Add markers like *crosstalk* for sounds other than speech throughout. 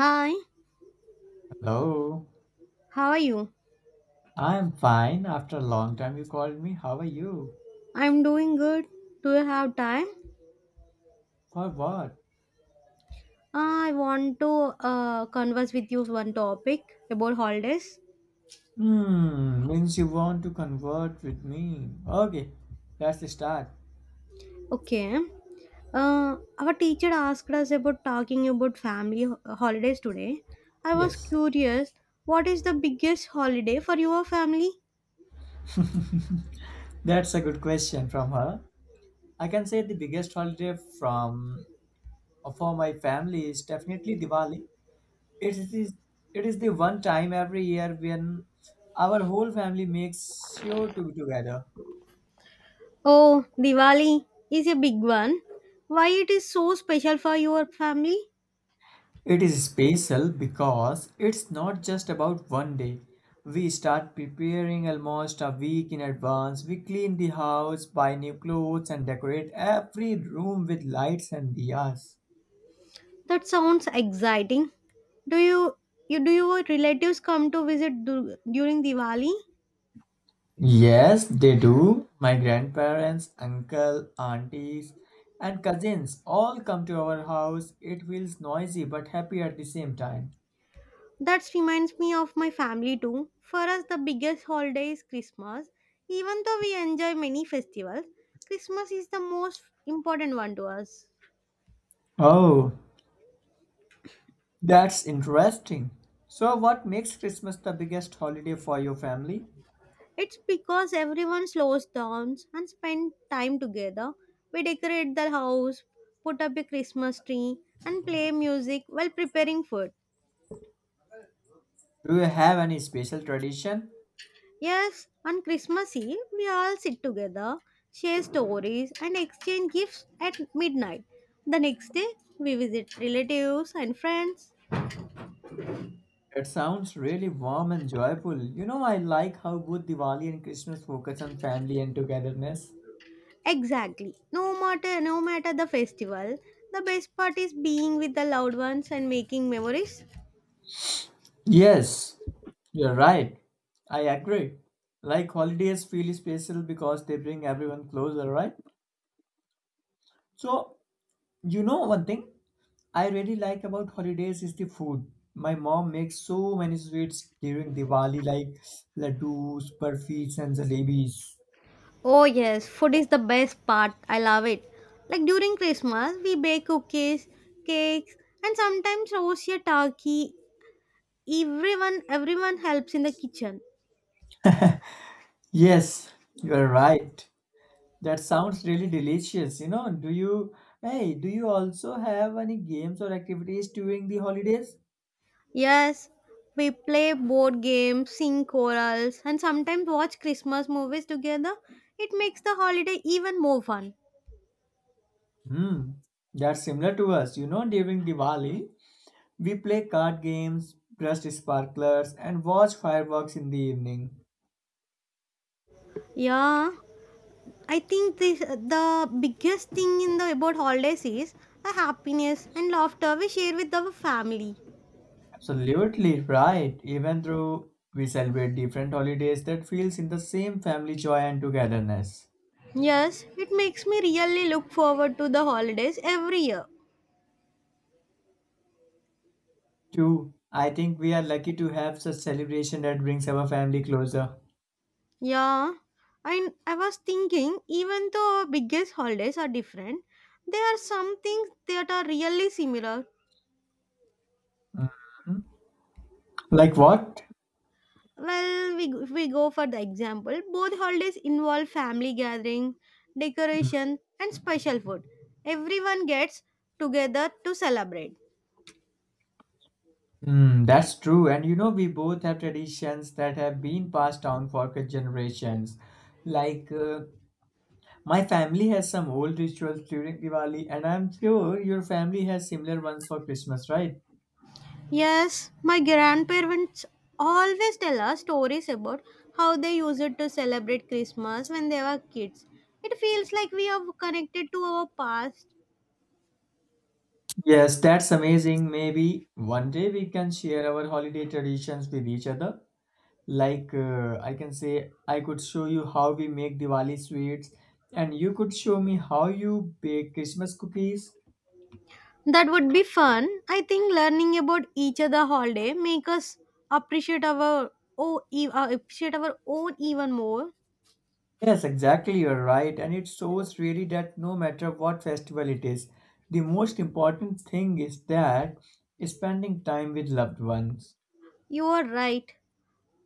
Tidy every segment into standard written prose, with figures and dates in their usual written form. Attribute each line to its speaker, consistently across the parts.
Speaker 1: Hi,
Speaker 2: Hello,
Speaker 1: how are you?
Speaker 2: I'm fine. After a long time, you called me. How are you?
Speaker 1: I'm doing good. Do you have time?
Speaker 2: For what?
Speaker 1: I want to converse with you one topic about holidays.
Speaker 2: Means you want to convert with me. Okay, that's the start.
Speaker 1: Okay. Our teacher asked us about talking about family holidays today. I was
Speaker 2: Yes,
Speaker 1: curious, what is the biggest holiday for your family?
Speaker 2: that's a good question from her. I can say the biggest holiday from for my family is definitely Diwali. It is it is the one time every year when our whole family makes sure to be together.
Speaker 1: Oh, Diwali is a big one. Why it is so special for your family?
Speaker 2: It is spatial because it's not just about one day. We start preparing almost a week in advance. We clean the house, buy new clothes, and decorate every room with lights and diyas.
Speaker 1: That sounds exciting. Do you, you do your relatives come to visit during Diwali?
Speaker 2: Yes, they do. My grandparents, uncle, aunties, and cousins all come to our house. It feels noisy but happy at the same time.
Speaker 1: That reminds me of my family too. For us, the biggest holiday is Christmas. Even though we enjoy many festivals, Christmas is the most important one to us.
Speaker 2: Oh, that's interesting. So, what makes Christmas the biggest holiday for your family?
Speaker 1: It's because everyone slows down and spend time together. We decorate the house, put up a Christmas tree, and play music while preparing food.
Speaker 2: Do you have any special tradition?
Speaker 1: Yes, on Christmas Eve, we all sit together, share stories, and exchange gifts at midnight. The next day, we visit relatives and friends.
Speaker 2: That sounds really warm and joyful. You know, I like how both Diwali and Christmas focus on family and togetherness.
Speaker 1: Exactly. No matter the festival, the best part is being with the loved ones and making memories.
Speaker 2: Yes, you're right. I agree. Like holidays feel special because they bring everyone closer, right? So, you know one thing I really like about holidays is the food. My mom makes so many sweets during Diwali like laddus, burfis and jalebis.
Speaker 1: Oh yes, food is the best part. I love it. Like during Christmas, we bake cookies, cakes, and sometimes roast a turkey. Everyone helps in the kitchen.
Speaker 2: Yes, you are right. That sounds really delicious. You know, do you also have any games or activities during the holidays?
Speaker 1: Yes, we play board games, sing chorals, and sometimes watch Christmas movies together. It makes the holiday even more fun.
Speaker 2: Hmm, that's similar to us. During Diwali, we play card games, burst sparklers, and watch fireworks in the evening.
Speaker 1: Yeah, I think this the biggest thing in the about holidays is the happiness and laughter we share with our family.
Speaker 2: Absolutely right. Even though we celebrate different holidays, that feels in the same family joy and togetherness.
Speaker 1: Yes, it makes me really look forward to the holidays every year.
Speaker 2: Two, I think we are lucky to have such celebration that brings our family closer.
Speaker 1: Yeah, and I was thinking even though our biggest holidays are different, there are some things that are really similar.
Speaker 2: Mm. Like what?
Speaker 1: Well, if we go for the example, both holidays involve family gathering,
Speaker 2: Hmm.
Speaker 1: decoration, and special food. Everyone gets together to celebrate.
Speaker 2: That's true. And you know, we both have traditions that have been passed down for generations. Like, my family has some old rituals during Diwali, and I'm sure your family has similar ones for Christmas, right?
Speaker 1: Yes, my grandparents always tell us stories about how they used it to celebrate Christmas when they were kids. It feels like we are connected to our past.
Speaker 2: Yes, that's amazing. Maybe one day we can share our holiday traditions with each other. Like, I can say, I could show you how we make Diwali sweets, and you could show me how you bake Christmas cookies.
Speaker 1: That would be fun. I think learning about each other holiday make us appreciate our oh, appreciate our own even more.
Speaker 2: Yes, exactly, you're right. And it shows really that no matter what festival it is, the most important thing is that spending time with loved ones.
Speaker 1: You are right.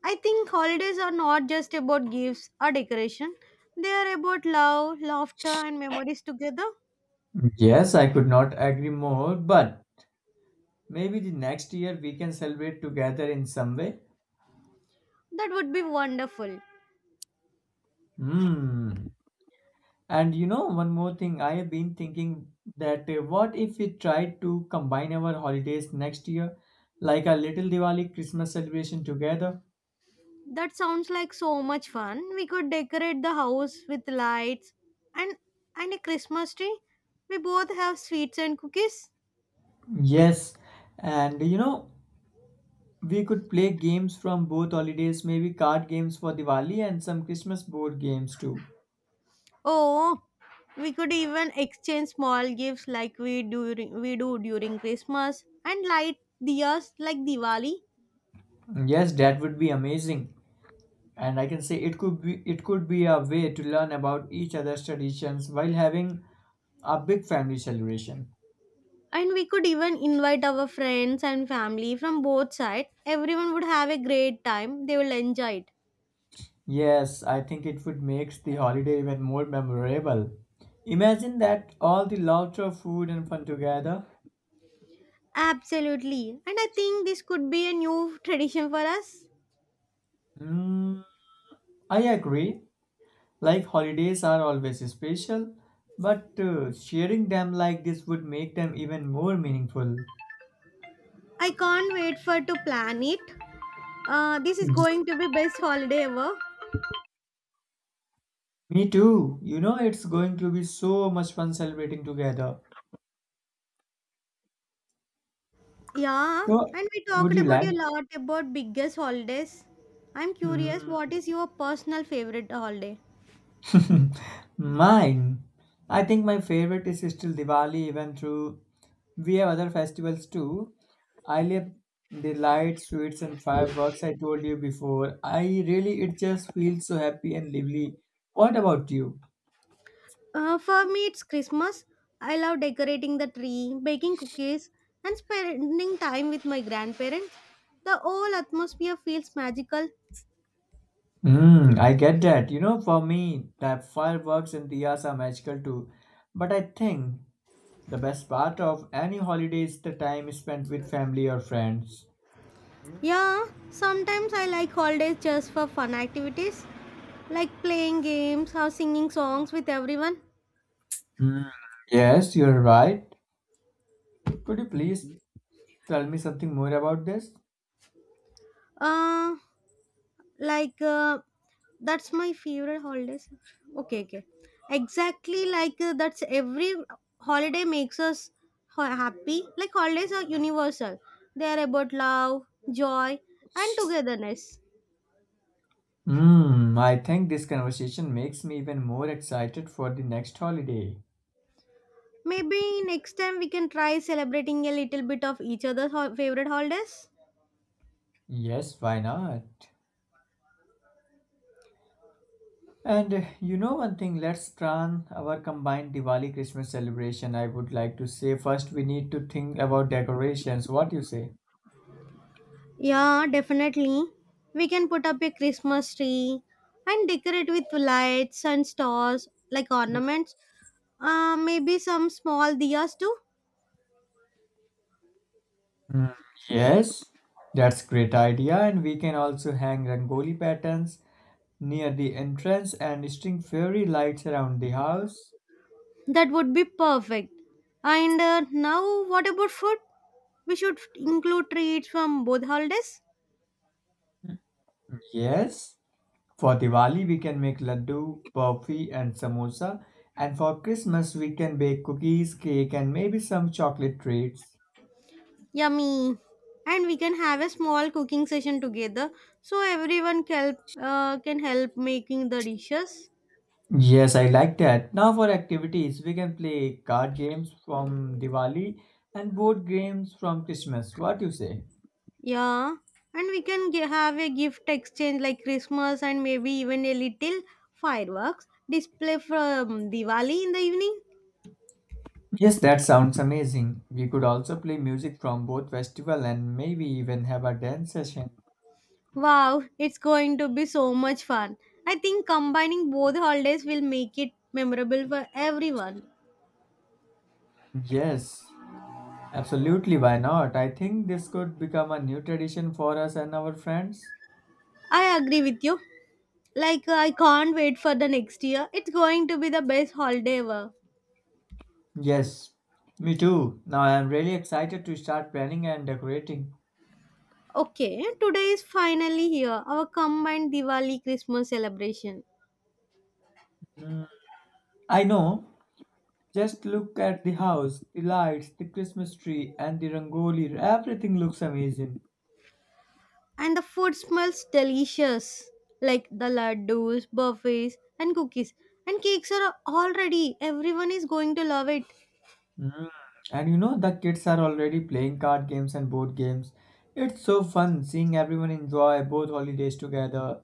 Speaker 1: I think holidays are not just about gifts or decoration, they are about love, laughter, and memories together.
Speaker 2: Yes, I could not agree more, but maybe the next year we can celebrate together in some way.
Speaker 1: That would be wonderful.
Speaker 2: Hmm. And you know, one more thing, I have been thinking that what if we try to combine our holidays next year, like a little Diwali Christmas celebration together?
Speaker 1: That sounds like so much fun. We could decorate the house with lights and, and a Christmas tree. We both have sweets and cookies.
Speaker 2: Yes, and we could play games from both holidays, maybe card games for Diwali and some Christmas board games too.
Speaker 1: Oh, we could even exchange small gifts like we do during Christmas and light diyas like Diwali.
Speaker 2: Yes, that would be amazing. And I can say it could be a way to learn about each other's traditions while having a big family celebration.
Speaker 1: And we could even invite our friends and family from both sides. Everyone would have a great time, they will enjoy it.
Speaker 2: Yes, I think it would make the holiday even more memorable. Imagine that all the laughter, food and fun together.
Speaker 1: Absolutely, and I think this could be a new tradition for us.
Speaker 2: Mm, I agree. Like holidays are always special, but sharing them like this would make them even more meaningful.
Speaker 1: I can't wait for to plan it. This is
Speaker 2: Mhm.
Speaker 1: going to be best holiday ever.
Speaker 2: Me too. It's going to be so much fun celebrating together.
Speaker 1: Yeah,
Speaker 2: So,
Speaker 1: and we
Speaker 2: would
Speaker 1: talked
Speaker 2: you
Speaker 1: about
Speaker 2: like?
Speaker 1: a lot about biggest holidays. I'm curious,
Speaker 2: Hmm.
Speaker 1: what is your personal favorite holiday?
Speaker 2: *laughs* Mine. I think my favorite is still Diwali, even through we have other festivals too. I love the lights, sweets, and fireworks I told you before. It just feels so happy and lively. What about you?
Speaker 1: For me, it's Christmas. I love decorating the tree, baking cookies, and spending time with my grandparents. The whole atmosphere feels magical.
Speaker 2: Mm, I get that. For me, that fireworks and diyas are magical too. But I think the best part of any holiday is the time spent with family or friends.
Speaker 1: Yeah, sometimes I like holidays just for fun activities, like playing games or singing songs with everyone.
Speaker 2: Mm, yes, you're right. Could you please tell me something more about this?
Speaker 1: Uh, like, that's my favorite holidays. Okay, okay. Exactly, like, that's every holiday makes us happy. Like, holidays are universal, they are about love, joy, and togetherness.
Speaker 2: I think this conversation makes me even more excited for the next holiday.
Speaker 1: Maybe next time we can try celebrating a little bit of each other's favorite holidays.
Speaker 2: Yes, why not? And you know one thing, let's plan our combined Diwali Christmas celebration. I would like to say first we need to think about decorations. What you say?
Speaker 1: Yeah, definitely. We can put up a Christmas tree and decorate with lights and stars like ornaments. Maybe some small diyas too.
Speaker 2: Mm, Yes, that's great idea, and we can also hang rangoli patterns near the entrance and string fairy lights around the house.
Speaker 1: That would be perfect. And now, what about food? We should include treats from both holidays.
Speaker 2: Yes, for Diwali we can make laddu, burfi, and samosa, and for Christmas we can bake cookies, cake, and maybe some chocolate treats.
Speaker 1: Yummy. And we can have a small cooking session together so everyone can help making the dishes.
Speaker 2: Yes, I like that. Now for activities, we can play card games from Diwali and board games from Christmas. What you say?
Speaker 1: Yeah, and we can have a gift exchange like Christmas and maybe even a little fireworks display from Diwali in the evening.
Speaker 2: Yes, that sounds amazing. We could also play music from both festival and maybe even have a dance session.
Speaker 1: Wow, it's going to be so much fun. I think combining both holidays will make it memorable for everyone.
Speaker 2: Yes, absolutely. Why not? I think this could become a new tradition for us and our friends.
Speaker 1: I agree with you. Like, I can't wait for the next year. It's going to be the best holiday ever.
Speaker 2: Yes, me too. Now I am really excited to start planning and decorating.
Speaker 1: Okay, today is finally here, our combined Diwali Christmas celebration.
Speaker 2: Mm, I know. Just look at the house, the lights, the Christmas tree, and the rangoli. Everything looks amazing.
Speaker 1: And the food smells delicious, like the laddus, buffets, and cookies and cakes are all ready. Everyone is going to love it.
Speaker 2: Mm. And the kids are already playing card games and board games. It's so fun seeing everyone enjoy both holidays together.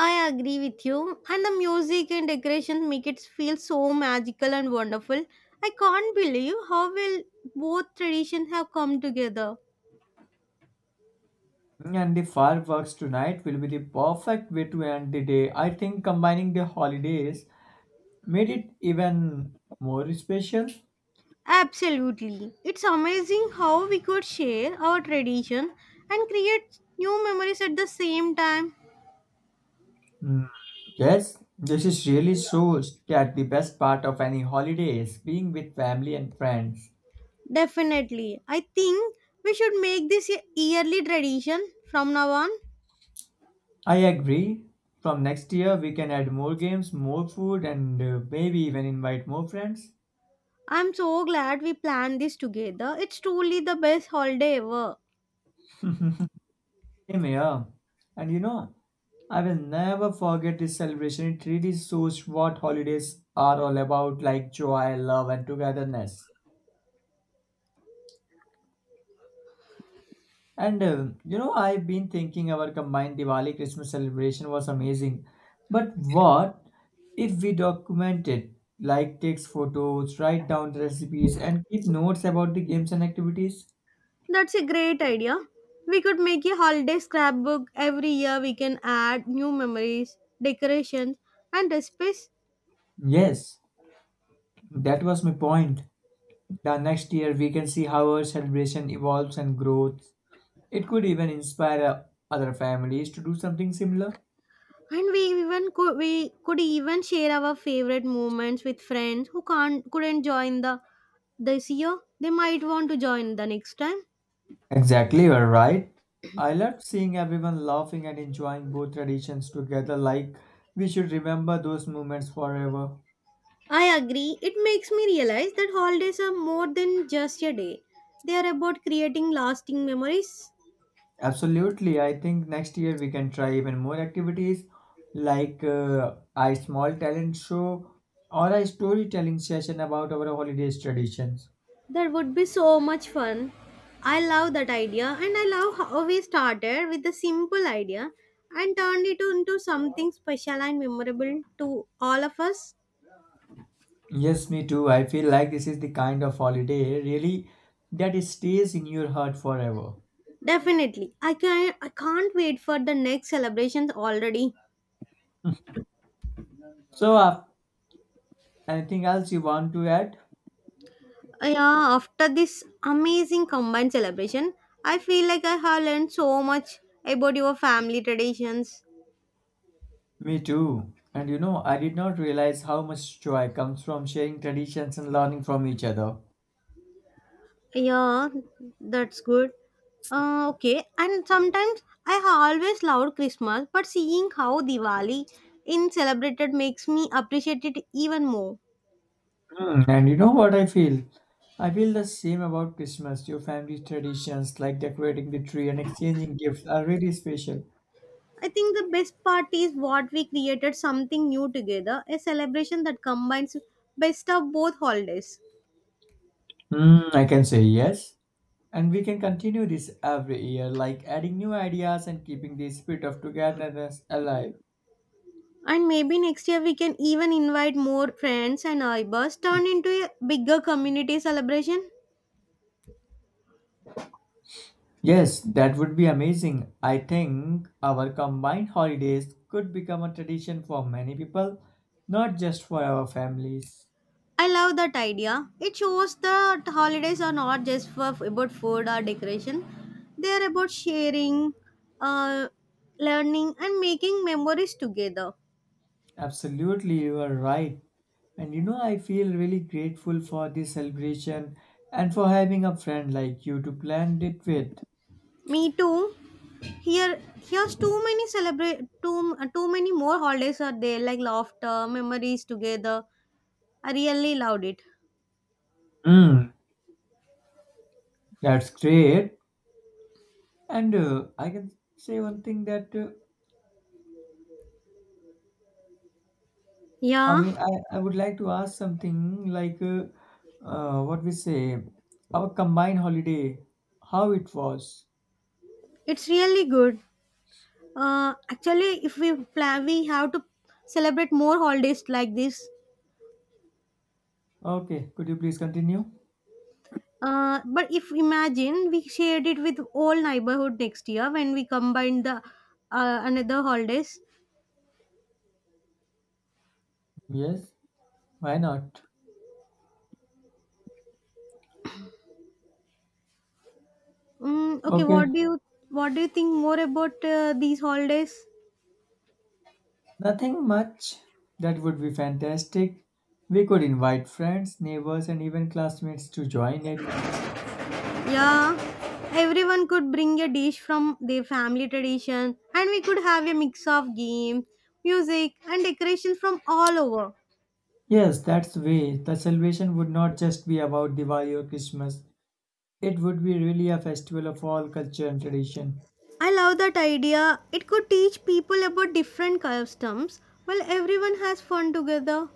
Speaker 1: I agree with you. And the music and decorations make it feel so magical and wonderful. I can't believe how well both traditions have come together.
Speaker 2: And the fireworks tonight will be the perfect way to end the day. I think combining the holidays made it even more special.
Speaker 1: Absolutely, it's amazing how we could share our tradition and create new memories at the same time.
Speaker 2: Mm. Yes, this is really shows that the best part of any holiday is being with family and friends.
Speaker 1: Definitely. I think we should make this a yearly tradition from now on.
Speaker 2: I agree. From next year, we can add more games, more food, and maybe even invite more friends.
Speaker 1: I'm so glad we planned this together. It's truly the best holiday ever.
Speaker 2: Same here. And I will never forget this celebration. It really shows what holidays are all about like joy, love, and togetherness. And I've been thinking our combined Diwali Christmas celebration was amazing. But what if we document it? Like, takes photos, write down the recipes, and keep notes about the games and activities?
Speaker 1: That's a great idea. We could make a holiday scrapbook every year. We can add new memories, decorations, and recipes.
Speaker 2: Yes, that was my point. The next year we can see how our celebration evolves and grows. It could even inspire other families to do something similar.
Speaker 1: And we even could we could even share our favorite moments with friends who can't couldn't join the this year. They might want to join the next time.
Speaker 2: Exactly, you're right. I loved seeing everyone laughing and enjoying both traditions together, like we should remember those moments forever.
Speaker 1: I agree. It makes me realize that holidays are more than just a day. They are about creating lasting memories.
Speaker 2: Absolutely, I think next year we can try even more activities like a small talent show or a storytelling session about our holidays traditions.
Speaker 1: That would be so much fun. I love that idea and I love how we started with a simple idea and turned it into something special and memorable to all of us.
Speaker 2: Yes, me too. I feel like this is the kind of holiday really that it stays in your heart forever.
Speaker 1: Definitely. I can't wait for the next celebrations already.
Speaker 2: So, anything else you want to add?
Speaker 1: Yeah, after this amazing combined celebration, I feel like I have learned so much about your family traditions.
Speaker 2: Me too. And I did not realize how much joy comes from sharing traditions and learning from each other.
Speaker 1: Yeah, that's good. Okay, and sometimes I have always loved Christmas, but seeing how Diwali in celebrated makes me appreciate it even more.
Speaker 2: Hmm. And you know what I feel? I feel the same about Christmas. Your family traditions like decorating the tree and exchanging gifts are really special.
Speaker 1: I think the best part is what we created, something new together, a celebration that combines best of both holidays.
Speaker 2: I can say yes. And we can continue this every year, like adding new ideas and keeping the spirit of togetherness alive.
Speaker 1: And maybe next year we can even invite more friends and neighbors, turn into a bigger community celebration.
Speaker 2: Yes, that would be amazing. I think our combined holidays could become a tradition for many people, not just for our families.
Speaker 1: I love that idea. It shows that holidays are not just for about food or decoration; they are about sharing, uh, learning, and making memories together.
Speaker 2: Absolutely, you are right. And I feel really grateful for this celebration and for having a friend like you to plan it with.
Speaker 1: Me too. Here, here's too many celebrate too many more holidays are there like laughter, memories together. I really loved it.
Speaker 2: Mm, that's great. And I can say one thing that I
Speaker 1: Yeah,
Speaker 2: mean, I would like to ask something like what we say, our combined holiday, how it was.
Speaker 1: it's really good. Actually, if we plan we have to celebrate more holidays like this.
Speaker 2: Okay, could you please continue?
Speaker 1: But if imagine we shared it with all neighborhood next year when we combine the another holidays.
Speaker 2: Yes, why not?
Speaker 1: Okay,
Speaker 2: Okay,
Speaker 1: what do you think more about these holidays?
Speaker 2: nothing much. That would be fantastic. We could invite friends, neighbors, and even classmates to join it.
Speaker 1: Yeah, everyone could bring a dish from their family tradition and we could have a mix of games, music, and decorations from all over.
Speaker 2: Yes, that's the way. The celebration would not just be about Diwali or Christmas. It would be really a festival of all culture and tradition.
Speaker 1: I love that idea. It could teach people about different customs while everyone has fun together.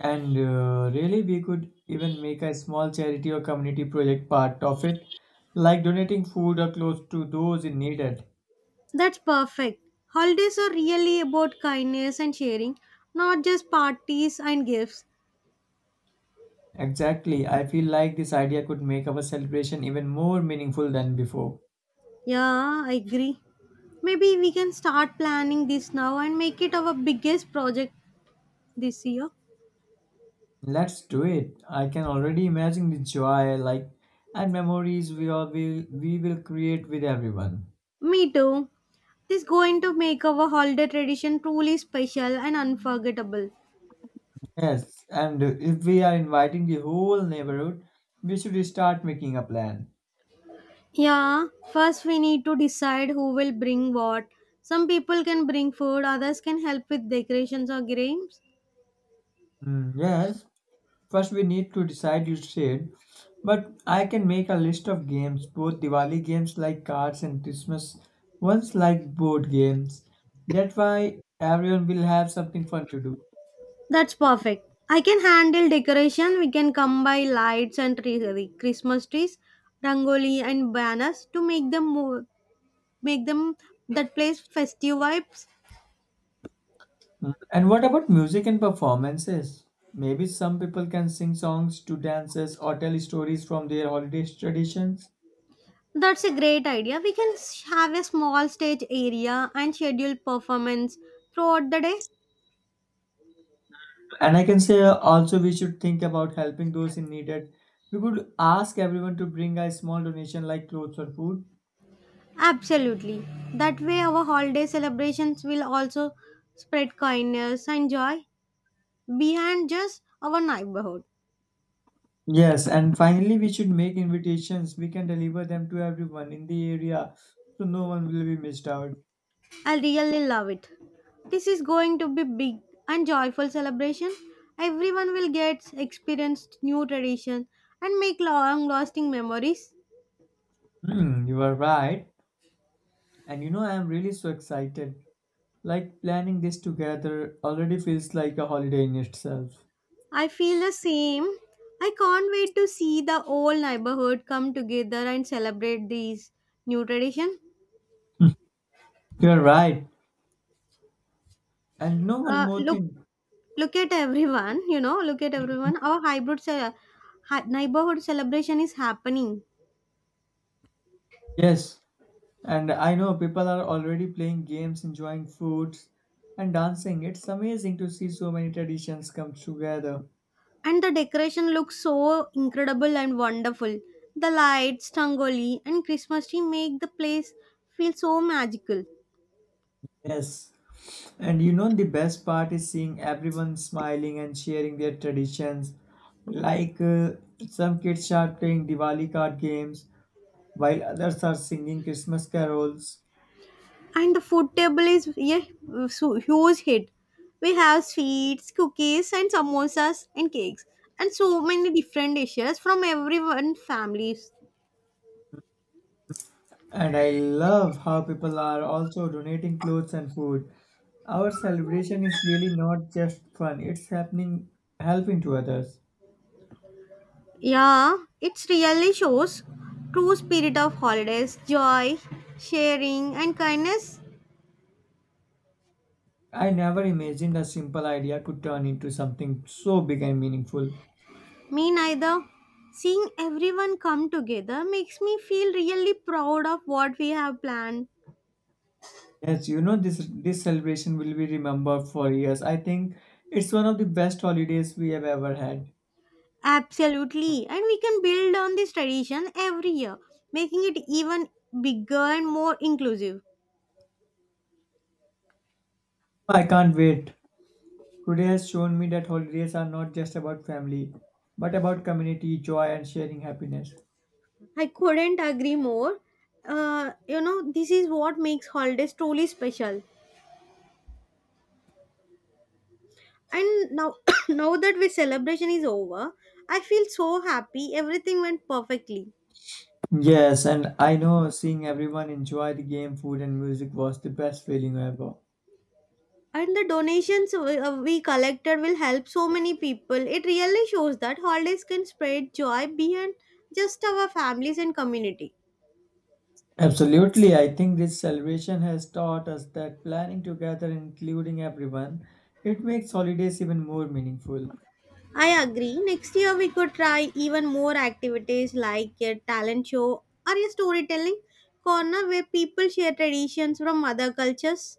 Speaker 2: And really, we could even make a small charity or community project part of it, like donating food or clothes to those in need. It.
Speaker 1: That's perfect. Holidays are really about kindness and sharing, not just parties and gifts.
Speaker 2: Exactly. I feel like this idea could make our celebration even more meaningful than before.
Speaker 1: Yeah, I agree. Maybe we can start planning this now and make it our biggest project this year.
Speaker 2: Let's do it. I can already imagine the joy, like, and memories we will create with everyone.
Speaker 1: Me too. This is going to make our holiday tradition truly special and unforgettable.
Speaker 2: Yes, and if we are inviting the whole neighborhood, we should start making a plan.
Speaker 1: Yeah, first we need to decide who will bring what. Some people can bring food, others can help with decorations or games.
Speaker 2: Mm, yes, first, we need to decide, you said. But I can make a list of games, both Diwali games like cards and Christmas ones like board games. That way, everyone will have something fun to do.
Speaker 1: That's perfect. I can handle decoration. We can come by lights and tree, Christmas trees, rangoli and banners to make them that place festive vibes.
Speaker 2: Mm. And what about music and performances? Maybe some people can sing songs to dances or tell stories from their holiday traditions.
Speaker 1: That's a great idea. We can have a small stage area and schedule performance throughout the day.
Speaker 2: And I can say also we should think about helping those in need. That We could ask everyone to bring a small donation like clothes or food.
Speaker 1: Absolutely. That way, our holiday celebrations will also spread kindness and joy behind just our neighborhood.
Speaker 2: Yes, and finally, we should make invitations. We can deliver them to everyone in the area so no one will be missed out.
Speaker 1: I really love it. This is going to be big and joyful celebration. Everyone will get experience new tradition and make long lasting memories.
Speaker 2: You are right. And I am really so excited. Like planning this together already feels like a holiday in itself.
Speaker 1: I feel the same. I can't wait to see the whole neighborhood come together and celebrate these new tradition.
Speaker 2: You are right. And you know, one
Speaker 1: Uh,
Speaker 2: more
Speaker 1: look
Speaker 2: thing.
Speaker 1: Look at everyone, look at everyone. Our hybrid neighborhood celebration is happening,
Speaker 2: Yes, and I know people are already playing games, enjoying foods, and dancing. It's amazing to see so many traditions come together.
Speaker 1: and the decoration looks so incredible and wonderful. The lights, tangoli, and Christmas tree make the place feel so magical.
Speaker 2: Yes. And the best part is seeing everyone smiling and sharing their traditions. Like some kids are playing Diwali card games, while others are singing Christmas carols.
Speaker 1: And the food table is a so huge hit. We have sweets, cookies, and samosas and cakes, and so many different dishes from everyone families.
Speaker 2: And I love how people are also donating clothes and food. Our celebration is really not just fun, it's happening helping to others.
Speaker 1: Yeah, it really shows true spirit of holidays, joy, sharing and kindness.
Speaker 2: I never imagined a simple idea could turn into something so big and meaningful.
Speaker 1: Me neither. Seeing everyone come together makes me feel really proud of what we have planned.
Speaker 2: Yes, you know this celebration will be remembered for years. I think it's one of the best holidays we have ever had.
Speaker 1: Absolutely. And we can build on this tradition every year, making it even bigger and more inclusive.
Speaker 2: I can't wait. Today has shown me that holidays are not just about family, but about community, joy, and sharing happiness.
Speaker 1: I couldn't agree more. You know, this is what makes holidays truly special. And now, *coughs* now that we celebration is over, I feel so happy. Everything went perfectly,
Speaker 2: Yes, and I know seeing everyone enjoy the game, food, and music was the best feeling ever.
Speaker 1: and the donations we collected will help so many people. It really shows that holidays can spread joy beyond just our families and community.
Speaker 2: Absolutely, I think this celebration has taught us that planning together, including everyone, it makes holidays even more meaningful.
Speaker 1: I agree. Next year we could try even more activities like a talent show or a storytelling corner where people share traditions from other cultures.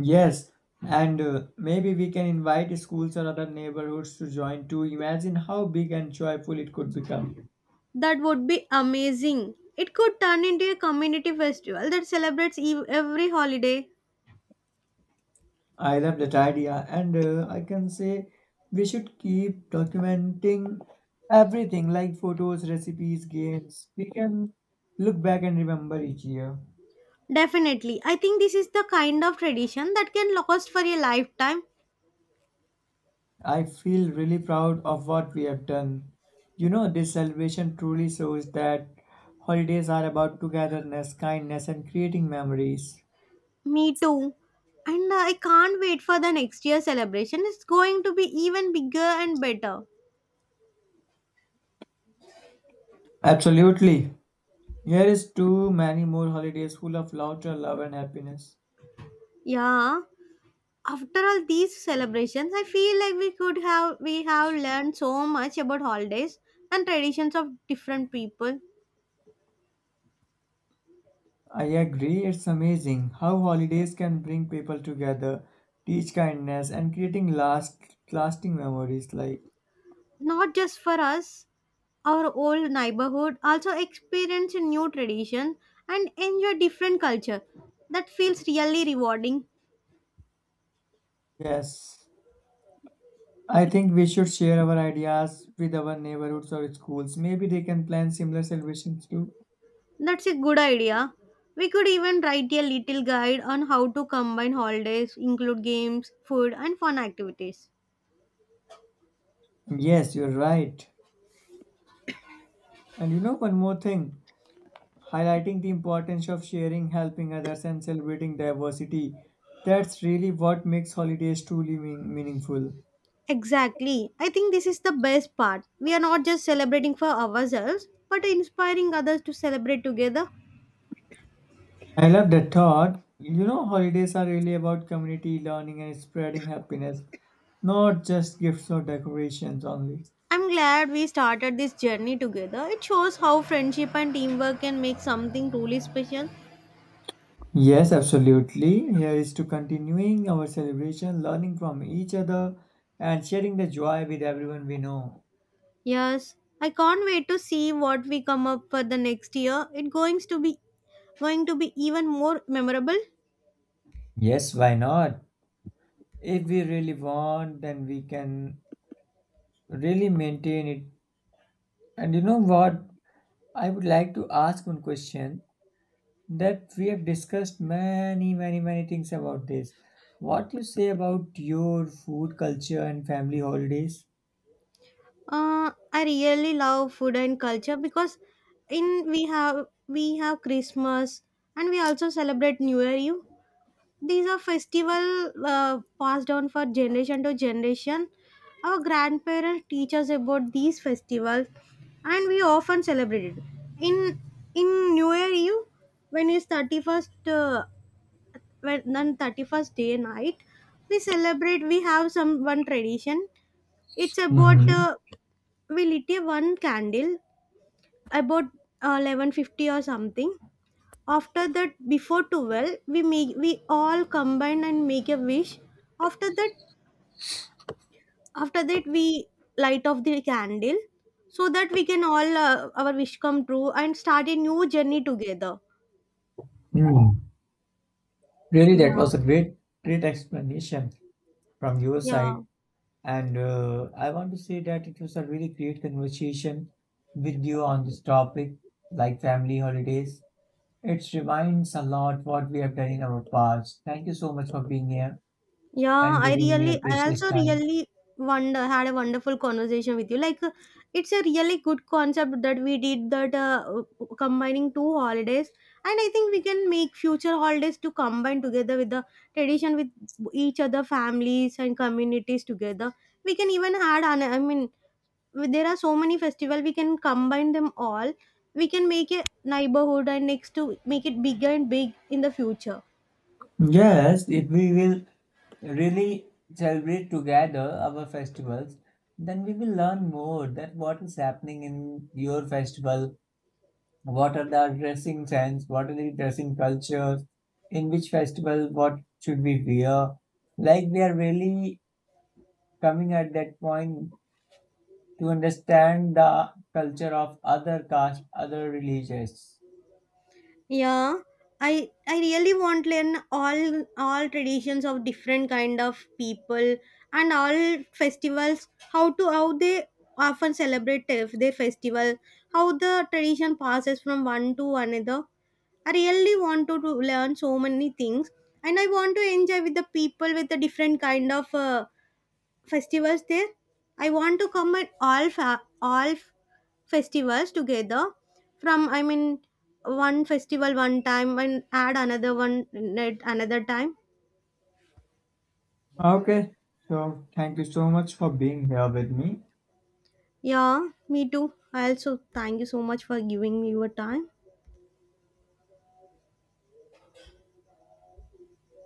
Speaker 2: Yes, and maybe we can invite schools or other neighborhoods to join too. Imagine how big and joyful it could become.
Speaker 1: That would be amazing. It could turn into a community festival that celebrates every holiday.
Speaker 2: I love that idea, and I can say we should keep documenting everything like photos, recipes, games. We can look back and remember each year.
Speaker 1: Definitely. I think this is the kind of tradition that can last for a lifetime.
Speaker 2: I feel really proud of what we have done. This celebration truly shows that holidays are about togetherness, kindness, and creating memories.
Speaker 1: Me too. And I can't wait for the next year celebration. It's going to be even bigger and better.
Speaker 2: Absolutely. Here is too many more holidays full of laughter, love, and happiness.
Speaker 1: Yeah. After all these celebrations, I feel like we have learned so much about holidays and traditions of different people.
Speaker 2: I agree, it's amazing how holidays can bring people together, teach kindness, and creating lasting memories. Like,
Speaker 1: Not just for us, our old neighborhood also experience a new tradition and enjoy different culture. That feels really rewarding.
Speaker 2: yes, I think we should share our ideas with our neighborhoods or schools. Maybe they can plan similar celebrations too.
Speaker 1: That's a good idea. We could even write a little guide on how to combine holidays, include games, food, and fun activities.
Speaker 2: Yes, you're right. And you know one more thing. Highlighting the importance of sharing, helping others, and celebrating diversity. That's really what makes holidays truly meaningful.
Speaker 1: Exactly. I think this is the best part. We are not just celebrating for ourselves, but inspiring others to celebrate together.
Speaker 2: I love that thought. Holidays are really about community, learning, and spreading happiness, not just gifts or decorations only.
Speaker 1: I'm glad we started this journey together. It shows how friendship and teamwork can make something truly special.
Speaker 2: Yes, absolutely. Here is to continuing our celebration, learning from each other, and sharing the joy with everyone we know.
Speaker 1: Yes, I can't wait to see what we come up for the next year. It's going to be even more memorable.
Speaker 2: Yes, why not? If we really want, then we can really maintain it. And you know what? I would like to ask one question that we have discussed many, many, many things about this. What you say about your food culture and family holidays?
Speaker 1: I really love food and culture because in we have Christmas and we also celebrate New Year Eve. These are festival passed on for generation to generation. Our grandparents teach us about these festivals and we often celebrate it in in new year eve. When it's 31st, when on 31st day night, we celebrate. We have some one tradition. It's about,
Speaker 2: Mhm.
Speaker 1: we lit a one candle about 11:50 or something. After that, before 12 we all combine and make a wish after that after that we light off the candle so that we can all our wish come true and start a new journey together
Speaker 2: Hmm. Really,
Speaker 1: yeah
Speaker 2: that was a great, great explanation from your
Speaker 1: yeah
Speaker 2: side. And I want to say that it was a really great conversation with you on this topic, like family holidays. It reminds a lot what we have done in our past. Thank you so much for being here,
Speaker 1: Yeah,
Speaker 2: and
Speaker 1: I
Speaker 2: giving me a
Speaker 1: really, I
Speaker 2: precious
Speaker 1: also
Speaker 2: time.
Speaker 1: really wonder, had a wonderful conversation with you. Like, it's a really good concept that we did that combining two holidays, and I think we can make future holidays to combine together with the tradition with each other, families and communities together. We can even add on, I mean, w- there are so many festival we can combine them all. We can make a neighborhood and next to make it bigger and big in the future.
Speaker 2: Yes, if we will really celebrate together our festivals, then we will learn more that what is happening in your festival, what are the dressing sense, what are the dressing cultures, in which festival what should we wear. Like we are really coming at that point to understand the culture of other caste, other religions.
Speaker 1: Yeah, I really want to learn all traditions of different kind of people and all festivals. How to how they often celebrate their festival. How the tradition passes from one to another. I really want to learn so many things, and I want to enjoy with the people with the different kind of. Festivals there. I want to come at all fa- all f- festivals together. From I mean, one festival one time and add another one at another time.
Speaker 2: Okay, so thank you so much for being here with me.
Speaker 1: Yeah, me too. I also thank you so much for giving me your time.